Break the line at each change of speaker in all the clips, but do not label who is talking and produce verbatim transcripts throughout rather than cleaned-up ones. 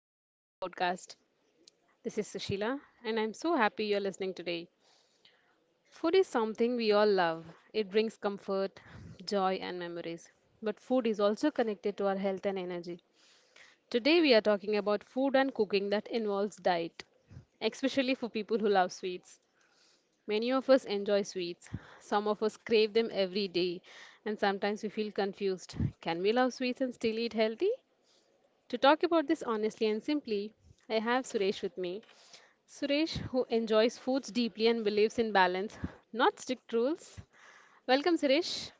Welcome to our podcast. This is Sushila, and I'm so happy you're listening today. Food is something we all love. It brings comfort, joy, and memories. But food is also connected to our health and energy. Today, we are talking about food and cooking that involves diet, especially for people who love sweets. Many of us enjoy sweets. Some of us crave them every day, and sometimes we feel confused. Can we love sweets and still eat healthy? To talk about this honestly and simply, I have Suresh with me. Suresh, who enjoys foods deeply and believes in balance, not strict rules. Welcome, Suresh.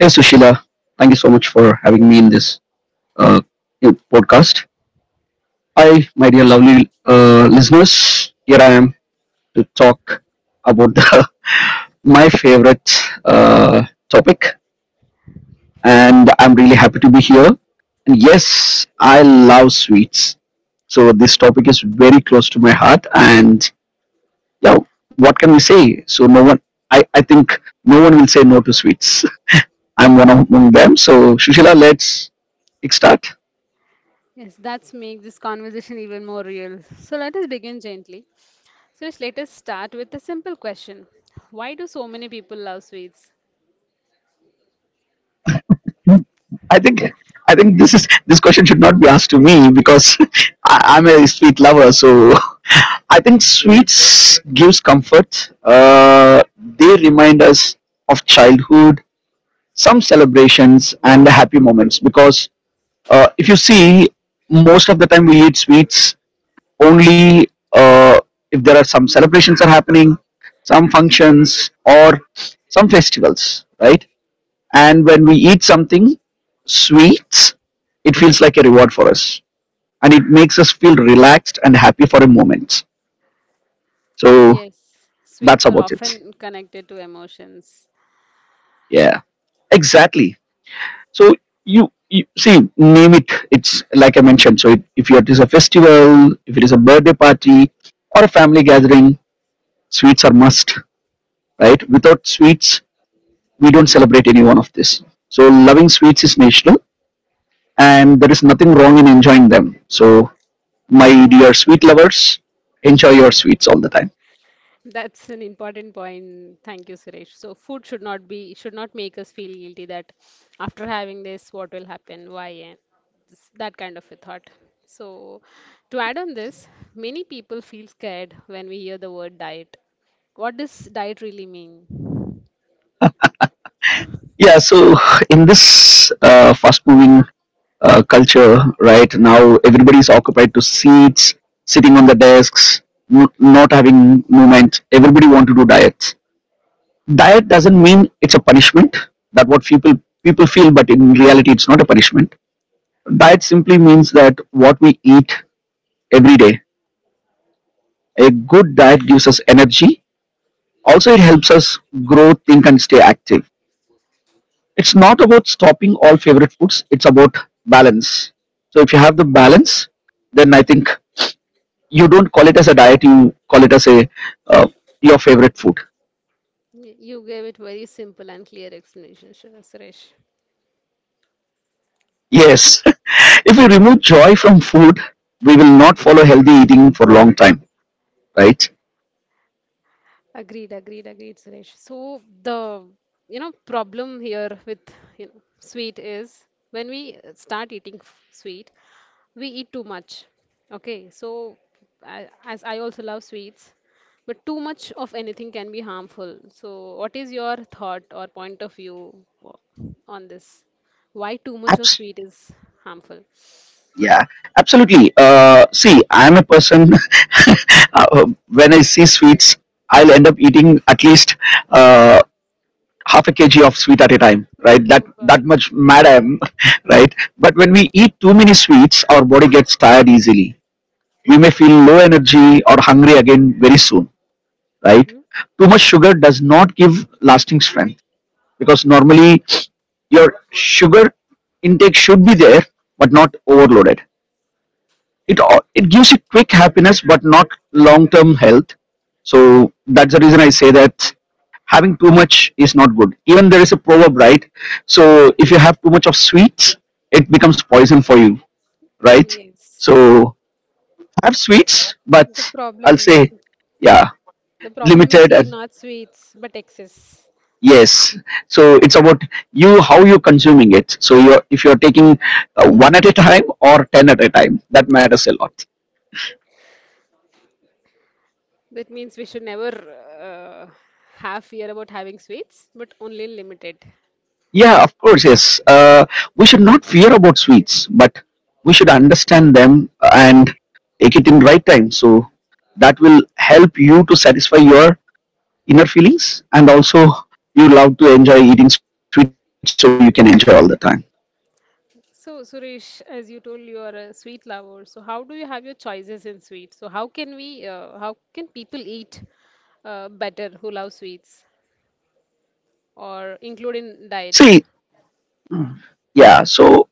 Hey Sushila, thank you so much for having me in this uh, new podcast. Hi, my dear lovely uh, listeners. Here I am to talk about the, my favorite uh, topic, and I'm really happy to be here. And yes, I love sweets, so this topic is very close to my heart. And yeah, what can we say? So no one, I, I think no one will say no to sweets. I'm one among them. So Sushila, let's kickstart.
Yes, that's make this conversation even more real. So let us begin gently. Suresh, let us start with a simple question. Why do so many people love sweets?
I think I think this is this question should not be asked to me because I, I'm a sweet lover. So I think sweets gives comfort. Uh, they remind us of childhood, some celebrations, and the happy moments. Because uh, if you see, most of the time we eat sweets only uh, if there are some celebrations are happening, some functions, or some festivals, right? And when we eat something sweets, it feels like a reward for us. And it makes us feel relaxed and happy for a moment. So
Yes, sweets
that's
are
about it.
often connected to emotions.
Yeah, exactly. So you, you see, name it. It's like I mentioned. So it, if it is a festival, if it is a birthday party, or a family gathering, sweets are must, right? Without sweets, we don't celebrate any one of this. So loving sweets is national, and there is nothing wrong in enjoying them. So my dear
That's
sweet lovers, enjoy your sweets all the time.
That's an important point. Thank you, Suresh. So food should not be should not make us feel guilty that after having this, what will happen? Why? And this- that kind of a thought. So to add on this, many people feel scared when we hear the word diet. What does diet really mean?
Yeah, so in this uh, fast moving uh, culture, right now everybody is occupied to seats, sitting on the desks, n- not having movement. Everybody want to do diets. Diet doesn't mean it's a punishment. That what people people feel, but in reality, it's not a punishment. Diet simply means that what we eat every day. A good diet gives us energy. Also, it helps us grow, think, and stay active. It's not about stopping all favorite foods, it's about balance. So if you have the balance, then I think you don't call it as a diet, you call it as a uh, your favorite food.
Y- You gave it very simple and clear explanation, Sh- Suresh.
Yes. If we remove joy from food, we will not follow healthy eating for a long time, right?
Agreed, agreed, agreed, Suresh. So the you know problem here with you know, sweet is when we uh, start eating f- sweet, we eat too much. Okay, so a- as I also love sweets, but too much of anything can be harmful. So what is your thought or point of view o- on this? Why too much
Abs-
of sweet is harmful?
yeah, Absolutely. Uh, see, I'm a person, uh, when I see sweets, I'll end up eating at least uh, half a kg of sweet at a time, right? that
Oh God.
that much mad I am. Right, but when we eat too many sweets, our body gets tired easily. We may feel low energy or hungry again very soon, right?
Hmm?
Too much sugar does not give lasting strength, because normally your sugar intake should be there, but not overloaded. It al- it gives you quick happiness but not long term health. So that's the reason I say that having too much is not good. Even there is a proverb, right? So if you have too much of sweets, it becomes poison for you, right?
Yes.
So have sweets, but
The
I'll
problem.
say, yeah,
The problem is
limited.
here
And
not sweets, but excess.
yes, so it's about you how you're consuming it. So you're, if you're taking uh, one at a time or ten at a time, that matters a lot.
That means we should never uh, have fear about having sweets, but only limited.
Yeah, of course, yes. Uh, we should not fear about sweets, but we should understand them and take it in right time. So that will help you to satisfy your inner feelings, and also you love to enjoy eating sweets, so you can enjoy all the time.
So, Suresh, as you told, you are a sweet lover. So, how do you have your choices in sweets? So, how can we, uh, how can people eat uh, better who love sweets or include in diet?
See, yeah. So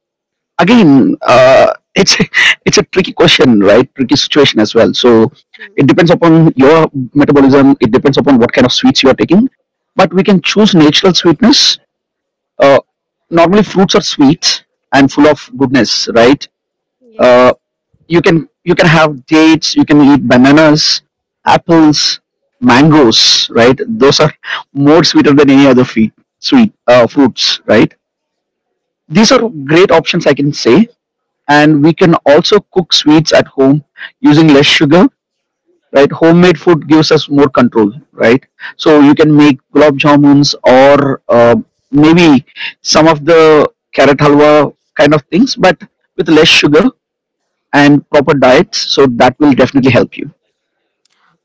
again, uh, it's it's a tricky question, right? Tricky situation as well. So
Mm,
it depends upon your metabolism. It depends upon what kind of sweets you are taking. But we can choose natural sweetness. uh, Normally fruits are sweet and full
mm,
of goodness, right? uh,
yes.
you can, you can have dates, you can eat bananas, apples, mangoes, right? Those are more sweeter than any other fe- sweet uh, fruits, right? These are great options, I can say. And we can also cook sweets at home using less sugar, right? Homemade food gives us more control, right? So you can make gulab jamuns or uh, maybe some of the carrot halwa kind of things, but with less sugar and proper diets, so that will definitely help you.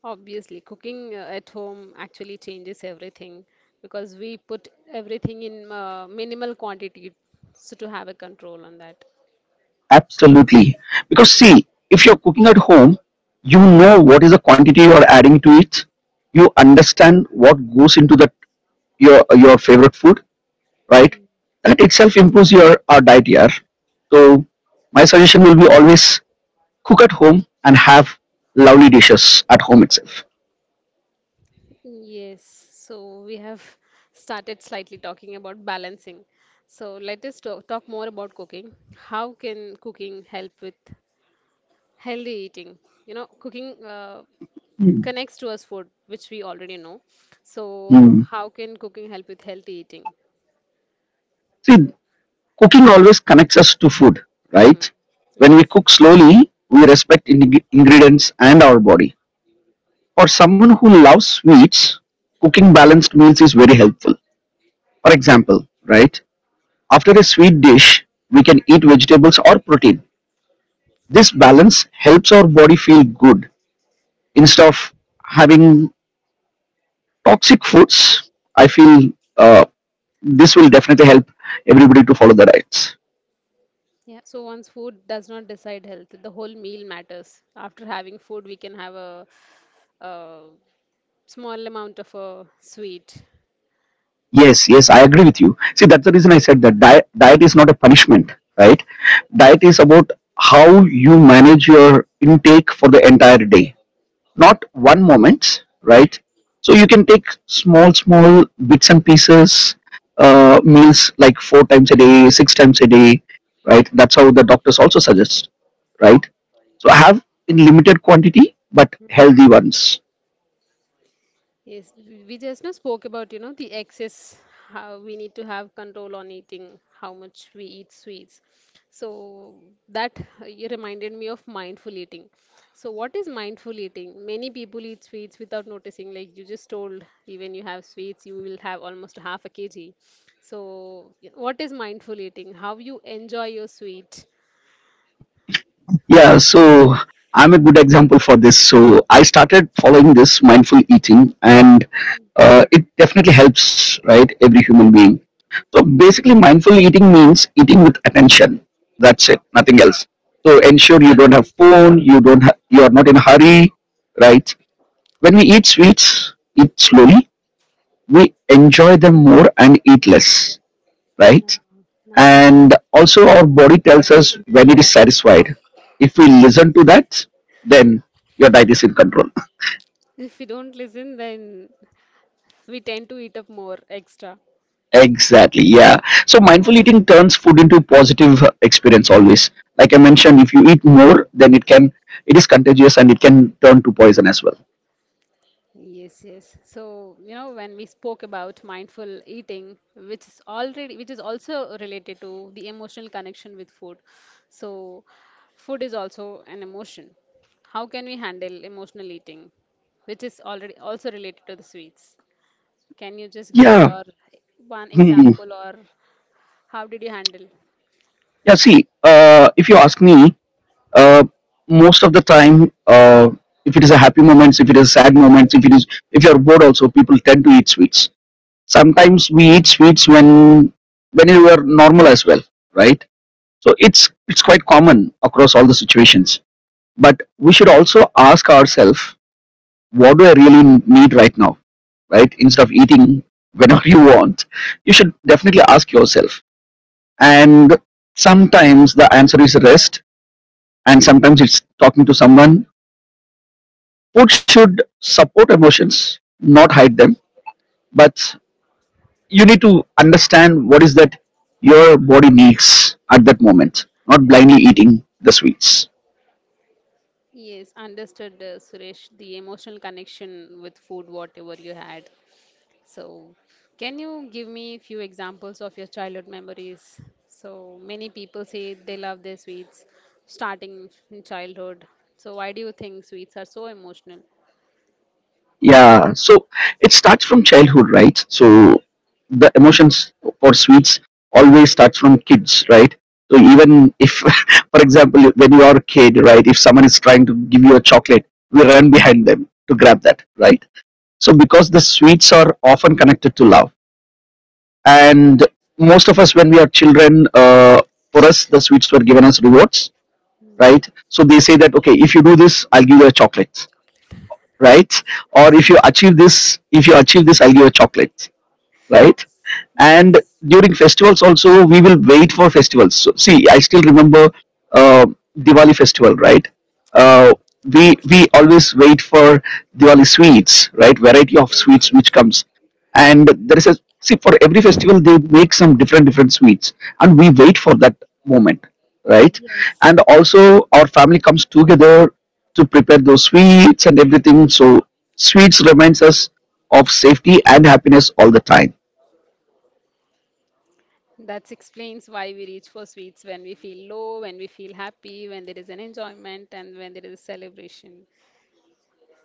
Obviously, cooking uh, at home actually changes everything because we put everything in uh, minimal quantity so to have a control on that.
Absolutely, because see, if you're cooking at home, you know what is the quantity you're adding to it. You understand what goes into that, your your favorite food, right? That itself improves your, our diet here. So my suggestion will be always cook at home and have lovely dishes at home itself.
Yes, so we have started slightly talking about balancing. So let us to- talk more about cooking. How can cooking help with healthy eating? You know, cooking uh,
Mm.
connects to us food, which we already know. So
Mm.
how can cooking help with healthy eating?
See, cooking always connects us to food,
Hmm.
right? When
Yes.
we cook slowly, we respect ing- ingredients and our body. For someone who loves sweets, cooking balanced meals is very helpful. For example, right? After a sweet dish, we can eat vegetables or protein. This balance helps our body feel good instead of having toxic foods. I feel uh, this will definitely help everybody to follow the diets.
Yeah, so once food does not decide health, the whole meal matters. After having food, we can have a, a small amount of a sweet.
Yes, yes, I agree with you. See, that's the reason I said that diet, diet is not a punishment, right? Diet is about how you manage your intake for the entire day, not one moment, right? So you can take small, small bits and pieces, uh, meals like four times a day, six times a day, right? That's how the doctors also suggest, right? So have in limited quantity, but healthy ones.
Yes, we we just now spoke about, you know, the excess, how we need to have control on eating, how much we eat sweets. So that uh, you reminded me of mindful eating. So what is mindful eating? Many people eat sweets without noticing, like you just told, even you have sweets, you will have almost half a kg. So y- what is mindful eating? How you enjoy your sweet?
Yeah, so I'm a good example for this. So I started following this mindful eating, and uh, it definitely helps, right? Every human being. So basically, mindful eating means eating with attention. That's it, nothing else. So ensure you don't have phone, you don't, ha- you are not in a hurry, right? When we eat sweets, eat slowly. We enjoy them more and eat less,
No,
right? And
nice.
also our body tells us when it is satisfied. If we listen to that, then your diet is in control.
If we don't listen, then we tend to eat up more extra.
Exactly, yeah. So mindful eating turns food into positive experience always. Like I mentioned, if you eat more, then it can, it is contagious and it can turn to poison as well.
Yes, yes. So, you know, when we spoke about mindful eating, which is already, which is also related to the emotional connection with food. So, food is also an emotion. How can we handle emotional eating, which is already also related to the sweets? Can you just give
Yeah.
your one
Hmm.
example or how did you handle?
Yeah, see, uh, if you ask me, uh, most of the time, uh, if it is a happy moments, if it is sad moments, if it is, if you are bored also, people tend to eat sweets. Sometimes we eat sweets when when we are normal as well, right? So it's it's quite common across all the situations. But we should also ask ourselves, what do I really need right now, right? Instead of eating whenever you want, you should definitely ask yourself. And sometimes the answer is rest, and sometimes it's talking to someone. Food should support emotions, not hide them. But you need to understand what is that your body needs at that moment, not blindly eating the sweets.
Yes, understood, uh, Suresh, the emotional connection with food, whatever you had. So, can you give me a few examples of your childhood memories? So, many people say they love their sweets starting in childhood. So, why do you think sweets are so emotional?
Yeah, so it starts from childhood, right? So the emotions for sweets always starts from kids, right? So even if for example, when you are a kid, right, if someone is trying to give you a chocolate, we run behind them to grab that, right? So because the sweets are often connected to love. And most of us, when we are children, uh, for us the sweets were given as rewards, right? So they say that, okay, if you do this, I'll give you a chocolate, right? Or if you achieve this, if you achieve this I'll give you a chocolate, right? And
Yes.
during festivals also, we will wait for festivals. So, see, I still remember uh, diwali festival, right? uh, we we always wait for diwali sweets, right? Variety of
Yes,
sweets which
yes.
comes. And there is a, see, for every festival they make some different different sweets, and we wait for that moment, right?
Yes.
And also our family comes together to prepare those sweets and everything. So sweets reminds us of safety and happiness all the time.
That explains why we reach for sweets when we feel low, when we feel happy, when there is an enjoyment, and when there is a celebration.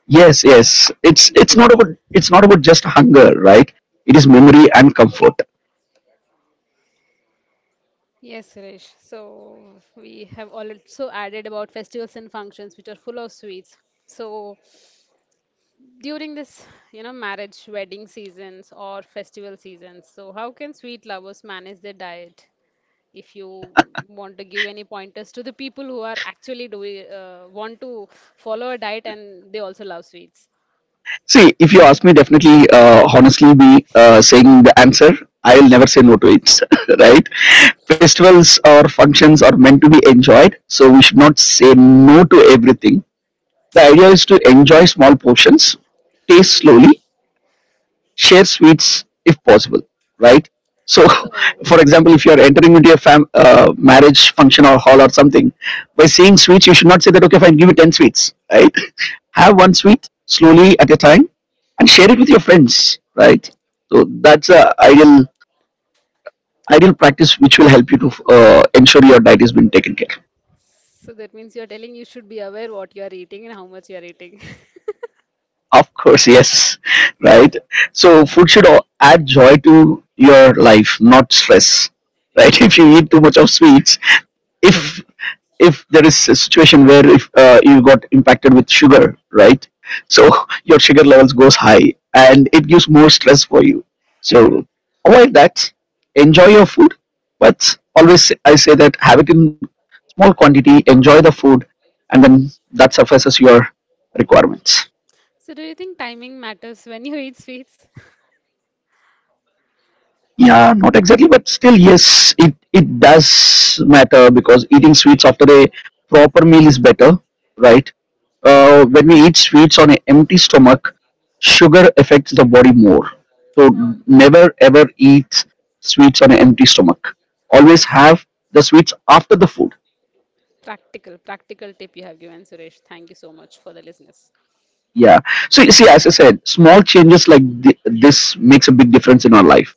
Yes, yes. It's, it's not about it's not about just hunger, right? It is memory and comfort.
Yes, Suresh. So we have also added about festivals and functions which are full of sweets. So during this, you know, marriage, wedding seasons or festival seasons, so how can sweet lovers manage their diet? If you want to give any pointers to the people who are actually doing uh, want to follow a diet and they also love sweets.
See, if you ask me, definitely, uh, honestly, be uh, saying the answer. I'll never say no to it, right? Festivals or functions are meant to be enjoyed, so we should not say no to everything. The idea is to enjoy small portions, taste slowly, share sweets if possible, right? So, for
So
example, if you are entering into a fam- uh, marriage function or hall or something, by saying sweets, you should not say that, okay, fine, give me ten sweets, right? Have one sweet slowly at a time and share it with your friends, right? So, that's a ideal ideal practice which will help you to uh, ensure your diet is being taken care.
so that means you're telling you should be aware what you're eating and how much you're eating.
Of course, yes. right. So food should al- add joy to your life, not stress, right? if you eat too much of sweets, if if there is a situation where, if uh, you got impacted with sugar, right? So your sugar levels goes high and it gives more stress for you. So avoid that, enjoy your food, but always I say that have it in small quantity, enjoy the food, and then that suffices your requirements.
So do you think timing matters when you eat sweets?
Yeah, not exactly, but still yes, it it does matter, because eating sweets after a proper meal is better, right? Uh, when we eat sweets on an empty stomach, sugar affects the body more. So
Oh,
never ever eat sweets on an empty stomach. Always
this
have the sweets after the food.
practical, practical tip you have given, Suresh. Thank you so much for the listeners.
Yeah. So you see, as I said, small changes like thi- this makes a big difference in our life,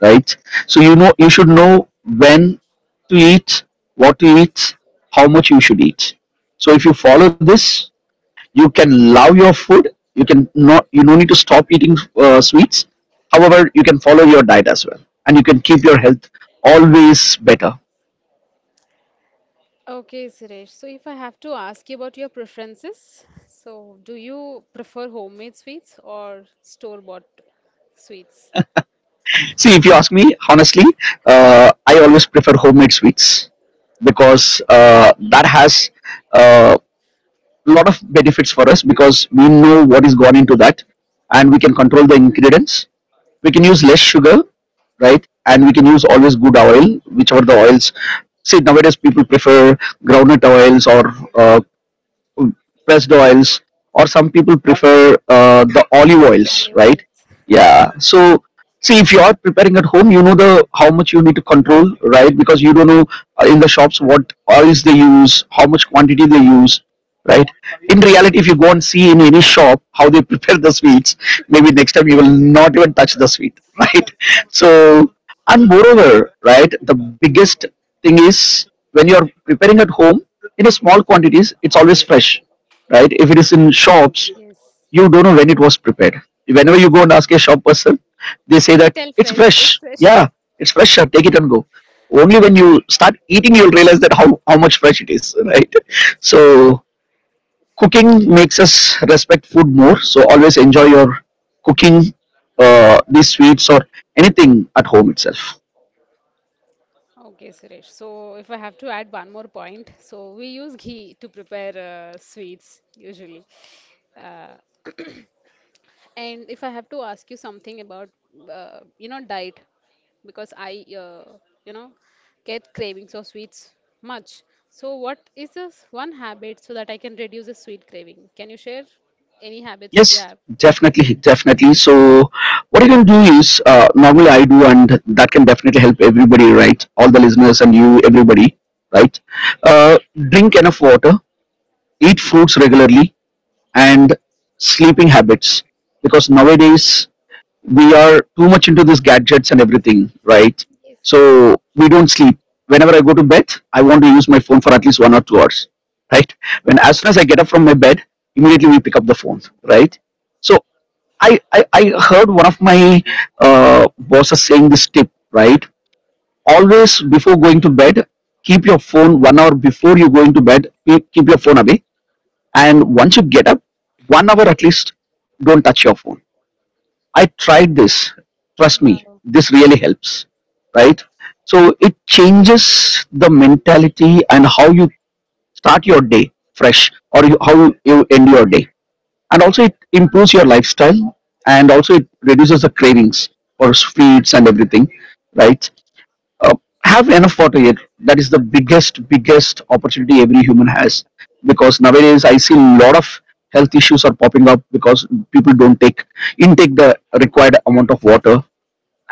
right? So you know, you should know when to eat, what to eat, how much you should eat. So if you follow this, you can love your food, you can, not, you don't need to stop eating uh, sweets, however you can follow your diet as well, and you can keep your health always better.
Okay, Suresh. So, if I have to ask you about your preferences, so do you prefer homemade sweets or store-bought sweets?
See, if you ask me honestly, uh, I always prefer homemade sweets, because uh, that has a uh, lot of benefits for us, because we know what is gone into that, and we can control the ingredients. We can use less sugar, right? And we can use always good oil, whichever the oils. See, nowadays people prefer groundnut oils or uh, pressed oils, or some people prefer uh, the olive oils,
Olive
right?
oils.
Yeah. So see, if you are preparing at home, you know the how much you need to control, right? Because you don't know uh, in the shops what oils they use, how much quantity they use, right? In reality, if you go and see in any shop how they prepare the sweets, maybe next time you will not even touch the sweet, right? So, and moreover, right, the biggest thing is, when you are preparing at home in a small quantities, it's always fresh, right? If it is in shops,
Yes,
you don't know when it was prepared. Whenever you go and ask
exactly.
a shop person, they say
He'll
that
tell
it's
fresh.
fresh.
It's
Yeah,
fresh.
it's fresh, sir. Take it and go. Only when you start eating, you'll realize that how, how much fresh it is, right?
Yes.
So cooking makes us respect food more. So always enjoy your cooking, uh, these sweets or anything at home itself.
Okay, Suresh. So, if I have to add one more point, so we use ghee to prepare uh, sweets usually. Uh, and if I have to ask you something about, uh, you know, diet, because I, uh, you know, get cravings of sweets much. So, what is this one habit so that I can reduce the sweet craving? Can you share any habits if you
Yes,
have?
definitely, definitely. So, what you can do is, uh, normally I do, and that can definitely help everybody, right? All the listeners and you, everybody, right? Uh, drink enough water, eat fruits
Hmm.
regularly, and sleeping habits. Because nowadays we are too much into these gadgets and everything, right?
Yes.
So we don't sleep. Whenever I go to bed, I want to use my phone for at least one or two hours, right? When, as soon as I get up from my bed, immediately we pick up the phone, right? So, I, I, I heard one of my uh, bosses saying this tip, right? Always before going to bed, keep your phone one hour before you go into bed, keep keep your phone away. And once you get up, one hour at least, don't touch your phone. I tried this. Trust me,
Wow,
this really helps, right? So it changes the mentality and how you start your day fresh, or you, how you end your day, and also it improves your lifestyle, and also it reduces the cravings for sweets and everything, right? Uh, have enough water here, that is the biggest biggest opportunity every human has, because nowadays I see a lot of health issues are popping up because people don't take intake the required amount of water.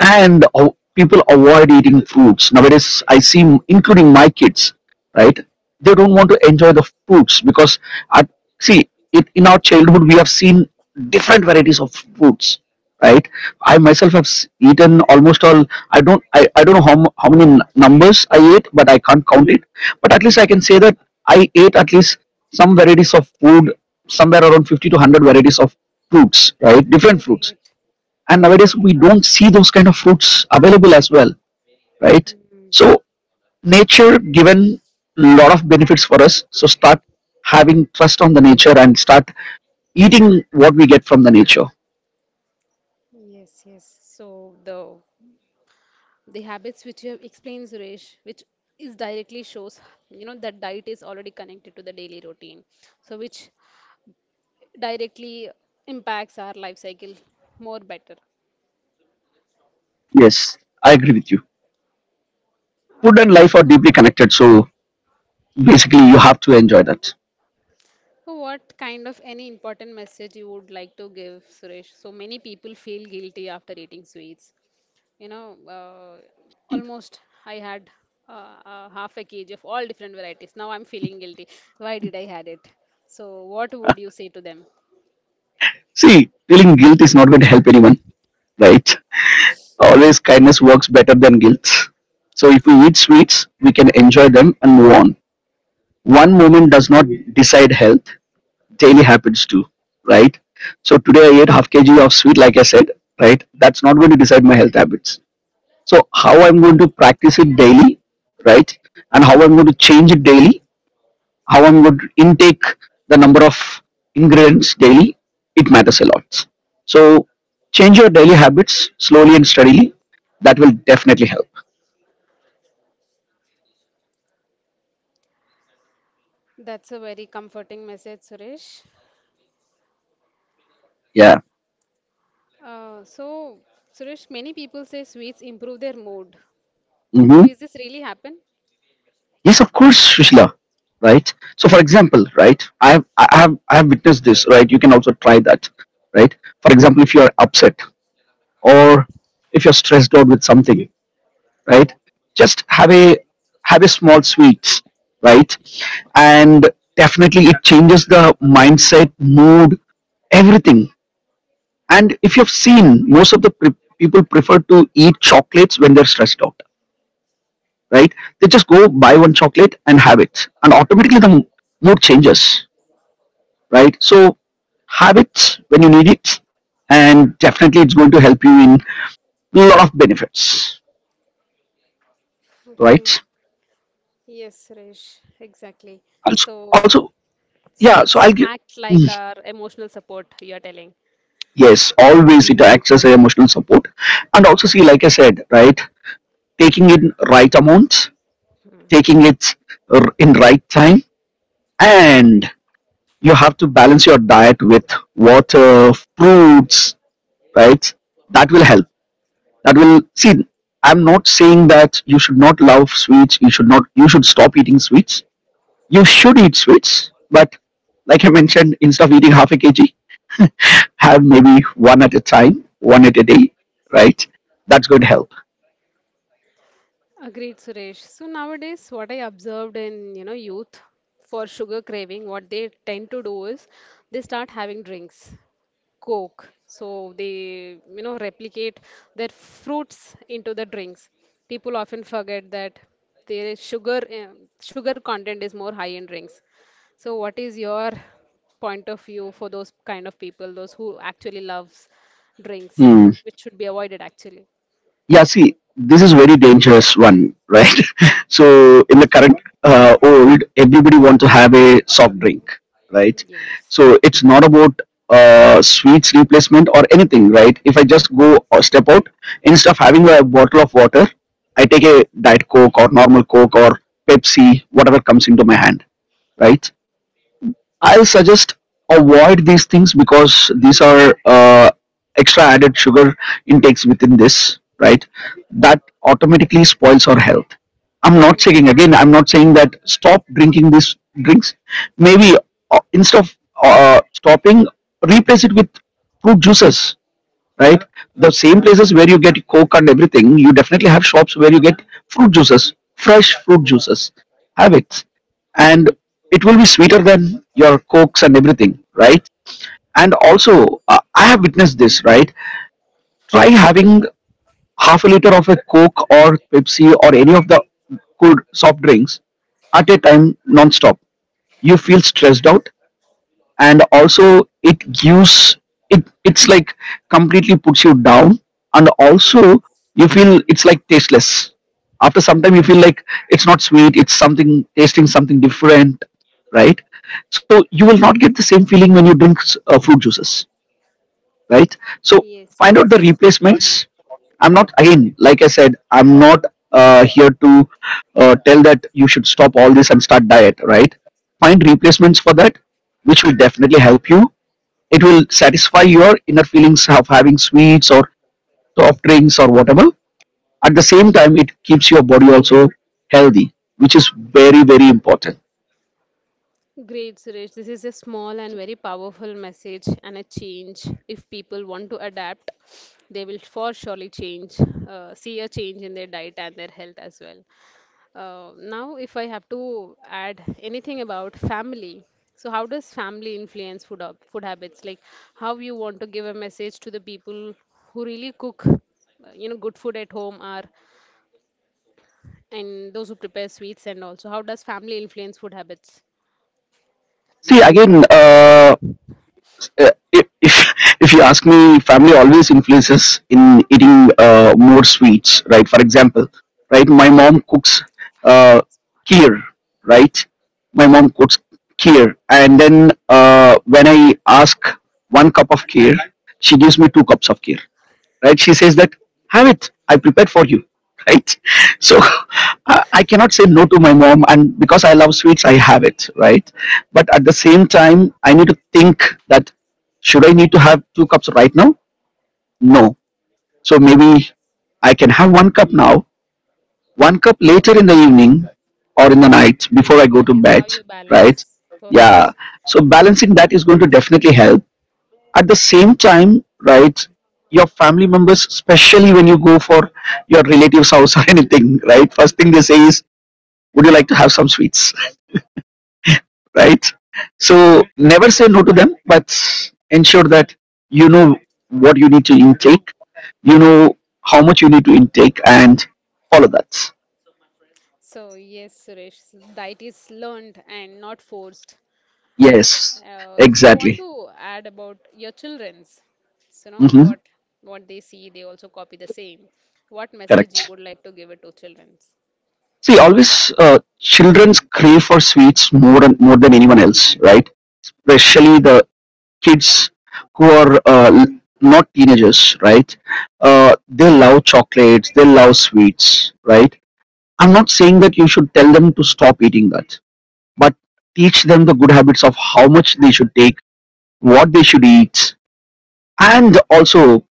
And o- people avoid eating fruits nowadays, I see, m- including my kids, right? They don't want to enjoy the fruits because at, see it, in our childhood we have seen different varieties of fruits, right? I myself have s- eaten almost all. I don't, i, I don't know how, mu- how many n- numbers I ate, but I can't count it. But at least I can say that I ate at least some varieties of food, somewhere around fifty to one hundred varieties of fruits, right? Different fruits.
great.
And nowadays we don't see those kind of fruits available as well, right?
Mhm.
So nature given a lot of benefits for us, so start having trust on the nature and start eating what we get from the nature.
Yes, yes. So the the habits which you have explained, Suresh, which is directly shows, you know, that diet is already connected to the daily routine, so which directly impacts our life cycle more better.
Yes, I agree with you. Food and
Okay.
life are
So
deeply connected, so basically you have to enjoy that.
so what kind of any important message you would like to give, Suresh? So many people feel guilty after eating sweets, you know. uh, Almost I had uh, uh, half a kg of all different varieties. Now I'm feeling guilty. Why did I had it? So what would you say to them?
See, feeling guilt is not going to help anyone, right? Always kindness works better than guilt. So if we eat sweets, we can enjoy them and move on. One moment does not decide health. Daily happens too, right? So today I ate half kg of sweet, like I said, right? That's not going to decide my health habits. So how I'm going to practice it daily, right? And how I'm going to change it daily, how I'm going to intake the number of ingredients daily, it matters a lot. So change your daily habits slowly and steadily. That will definitely help.
That's a very comforting message, Suresh.
Yeah.
Uh, so, Suresh, many people say sweets improve their mood. So,
Mm-hmm.
is this really happen?
Yes, of course, Shushila. Right. So, for example, right, I have, I have, I have witnessed this. Right. You can also try that. Right. For example, if you are upset, or if you're stressed out with something, right, just have a have a small sweets, right, and definitely it changes the mindset, mood, everything. And if you've seen, most of the pre- people prefer to eat chocolates when they're stressed out, right? They just go buy one chocolate and have it, and automatically the m- mood changes, right? So have it when you need it, and definitely it's going to help you in a lot of benefits,
Okay.
right?
Yes, Suresh. Exactly.
Also,
So,
also, yeah. So
sweets
I'll give.
act like
Mm,
our emotional support, you're telling.
yes, always it acts as an emotional support, and also see, like I said, right, taking in right amount, taking it r- in right time, and you have to balance your diet with water, fruits, right? That will help, that will see, I'm not saying that you should not love sweets, you should not you should stop eating sweets, you should eat sweets, but like I mentioned, instead of eating half a kg, have maybe one at a time, one at a day, right? That's going to help.
Agreed, Suresh. So nowadays, what I observed in, you know, youth for sugar craving, what they tend to do is they start having drinks, Coke. So they, you know, replicate their fruits into the drinks. People often forget that there is sugar, uh, sugar content is more high in drinks. So what is your point of view for those kind of people, those who actually loves drinks,
Hmm.
which should be avoided actually?
Yeah, see, this is very dangerous one, right? so in the current uh, old, everybody want to have a soft drink, right?
Yes.
So it's not about uh, sweets replacement or anything, right? If I just go or step out, instead of having a bottle of water, I take a diet coke or normal coke or Pepsi, whatever comes into my hand, right? I'll suggest, avoid these things, because these are uh, extra added sugar intakes within this, right? That automatically spoils our health. I'm not saying again, I'm not saying that stop drinking these drinks. Maybe uh, instead of uh, stopping, replace it with fruit juices, right? The same places where you get Coke and everything, you definitely have shops where you get fruit juices, fresh fruit juices. Have it. And it will be sweeter than your Cokes and everything, right? And also, uh, I have witnessed this, right? Try having half a liter of a Coke or Pepsi or any of the cold soft drinks at a time non-stop. You feel stressed out, and also it gives, it it's like completely puts you down, and also
Yes.
you feel it's like tasteless. After some time you feel
Yes.
like it's not sweet, it's something tasting something different, right? So you will not get the same feeling when you drink uh, fruit juices, right? So
Yes.
find out the
Yes.
replacements. I'm not again, like I said, I'm not uh, here to uh, tell that you should stop all this and start diet, right? Find replacements for that, which will definitely help you. It will satisfy your inner feelings of having sweets or soft drinks or whatever. At the same time, it keeps your body also healthy, which is very very important.
Great, Suresh. This is a small and very powerful message and a change. If people want to adapt, they will for surely change, uh, see a change in their diet and their health as well. Uh, now, if I have to add anything about family, so how does family influence food up, food habits? Like how you want to give a message to the people who really cook, uh, you know, good food at home, or and those who prepare sweets and also how does family influence food habits.
See again, uh, uh, if, if if you ask me, family always influences in eating uh, more sweets, right? For example, right, my mom cooks uh, kheer, right? my mom cooks kheer and then uh, When I ask one cup of kheer, she gives me two cups of kheer, right? She says that, have it, I prepared for you, right? So I I cannot say no to my mom, and because I love sweets, I have it, right? But at the same time, I need to think that should I need to have two cups right now? No. So maybe I can have one cup now, one cup later in the evening or in the night before I go
That
to
is
bed,
how you
right?
balance.
Yeah.
Perfect.
So balancing that is going to definitely help. At the same time, right, your family members, especially when you go for your relatives house or anything, right, first thing they say is, would you like to have some sweets, right? So never say no to them, but ensure that you know what you need to intake, you know how much you need to intake, and follow that.
So yes, Suresh, so diet is learned and not forced.
Yes,
Uh, if you want
exactly.
to add about your children's, so you know
Hmm,
what what they see they also copy the same. What message you
correct.
would like to give it to children's?
See always, uh, children's crave for sweets more and more than anyone else, right? Especially the kids who are uh, not teenagers, right? Uh, they love chocolates, they love sweets, right? I'm not saying that you should tell them to stop eating that, but teach them the good habits of how much they should take, what they should eat, and also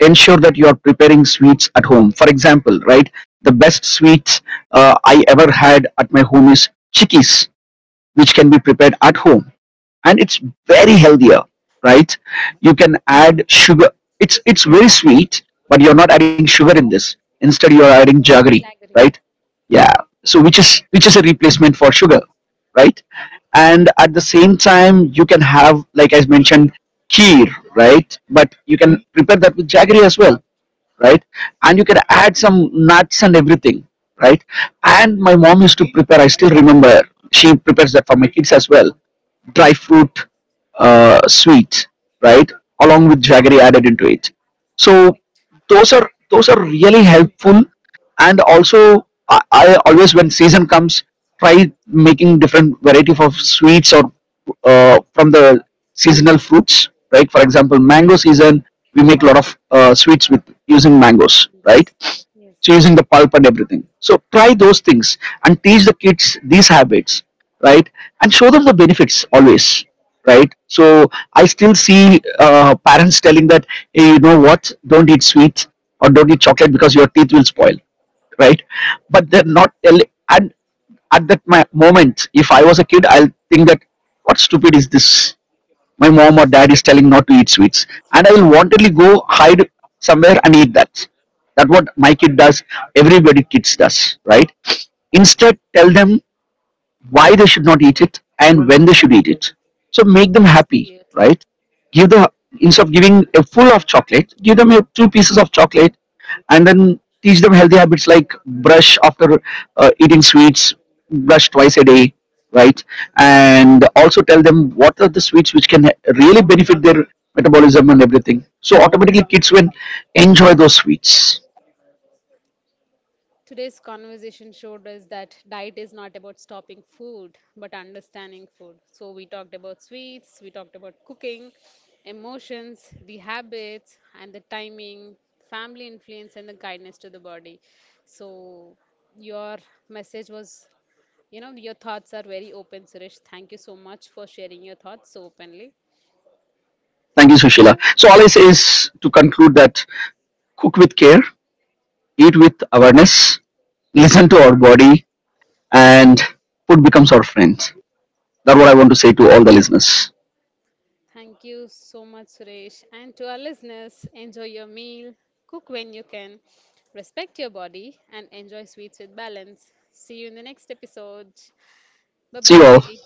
ensure that you are preparing sweets at home. For example, right? The best sweet uh, I ever had at my home is chickies, which can be prepared at home, and it's very healthier, right? You can add sugar, it's it's very sweet, but you're not adding sugar in this, instead you're adding jaggery,
Jaggery.
right? Yeah. So which is, which is a replacement for sugar, right? And at the same time, you can have, like I mentioned, kheer, right? But you can prepare that with jaggery as well, right? And you can add some nuts and everything, right? And my mom used to prepare, I still remember, she prepares that for my kids as well, dry fruit uh, sweet, right? Along with jaggery added into it. So
Perfect.
those are, those are really helpful. And also, I, I always when season comes, try making different variety of sweets, or uh, from the seasonal fruits, right? For example, mango season, we make a lot of uh, sweets with using mangoes, right?
Mangoes. Yes.
Chasing the pulp and everything. So try those things and teach the kids these habits, right? And show them the benefits always, right? So I still see uh, parents telling that, hey, you know what? Don't eat sweets or don't eat chocolate because your teeth will spoil, right? But they're not telling. And at that my moment, if I was a kid, I'll think that what stupid is this, my mom or dad is telling not to eat sweets, and I will wantedly go hide somewhere and eat that. That's what my kid does, everybody kids does, right? Instead, tell them why they should not eat it and when they should eat it. So make them happy,
Absolutely.
right? give the Instead of giving a full of chocolate, give them a, two pieces of chocolate, and then teach them healthy habits, like brush after uh, eating sweets, brush twice a day, right? And also tell them what are the sweets which can really benefit their metabolism and everything, so automatically kids will enjoy those sweets.
Today's conversation showed us that diet is not about stopping food, but understanding food. So, we talked about sweets, we talked about cooking, emotions, the habits, and the timing, family influence, and the guidance to the body. So, your message was, you know, your thoughts are very open, Suresh. Thank you so much for sharing your thoughts so openly.
Thank you, Sushila. So all I say is, to conclude that, cook with care, eat with awareness, listen to our body, and food becomes our friend. That's what I want to say to all the listeners.
Thank you so much, Suresh. And to our listeners, enjoy your meal, cook when you can, respect your body, and enjoy sweets with balance. See you in the next episode. Bye
See you all.
bye.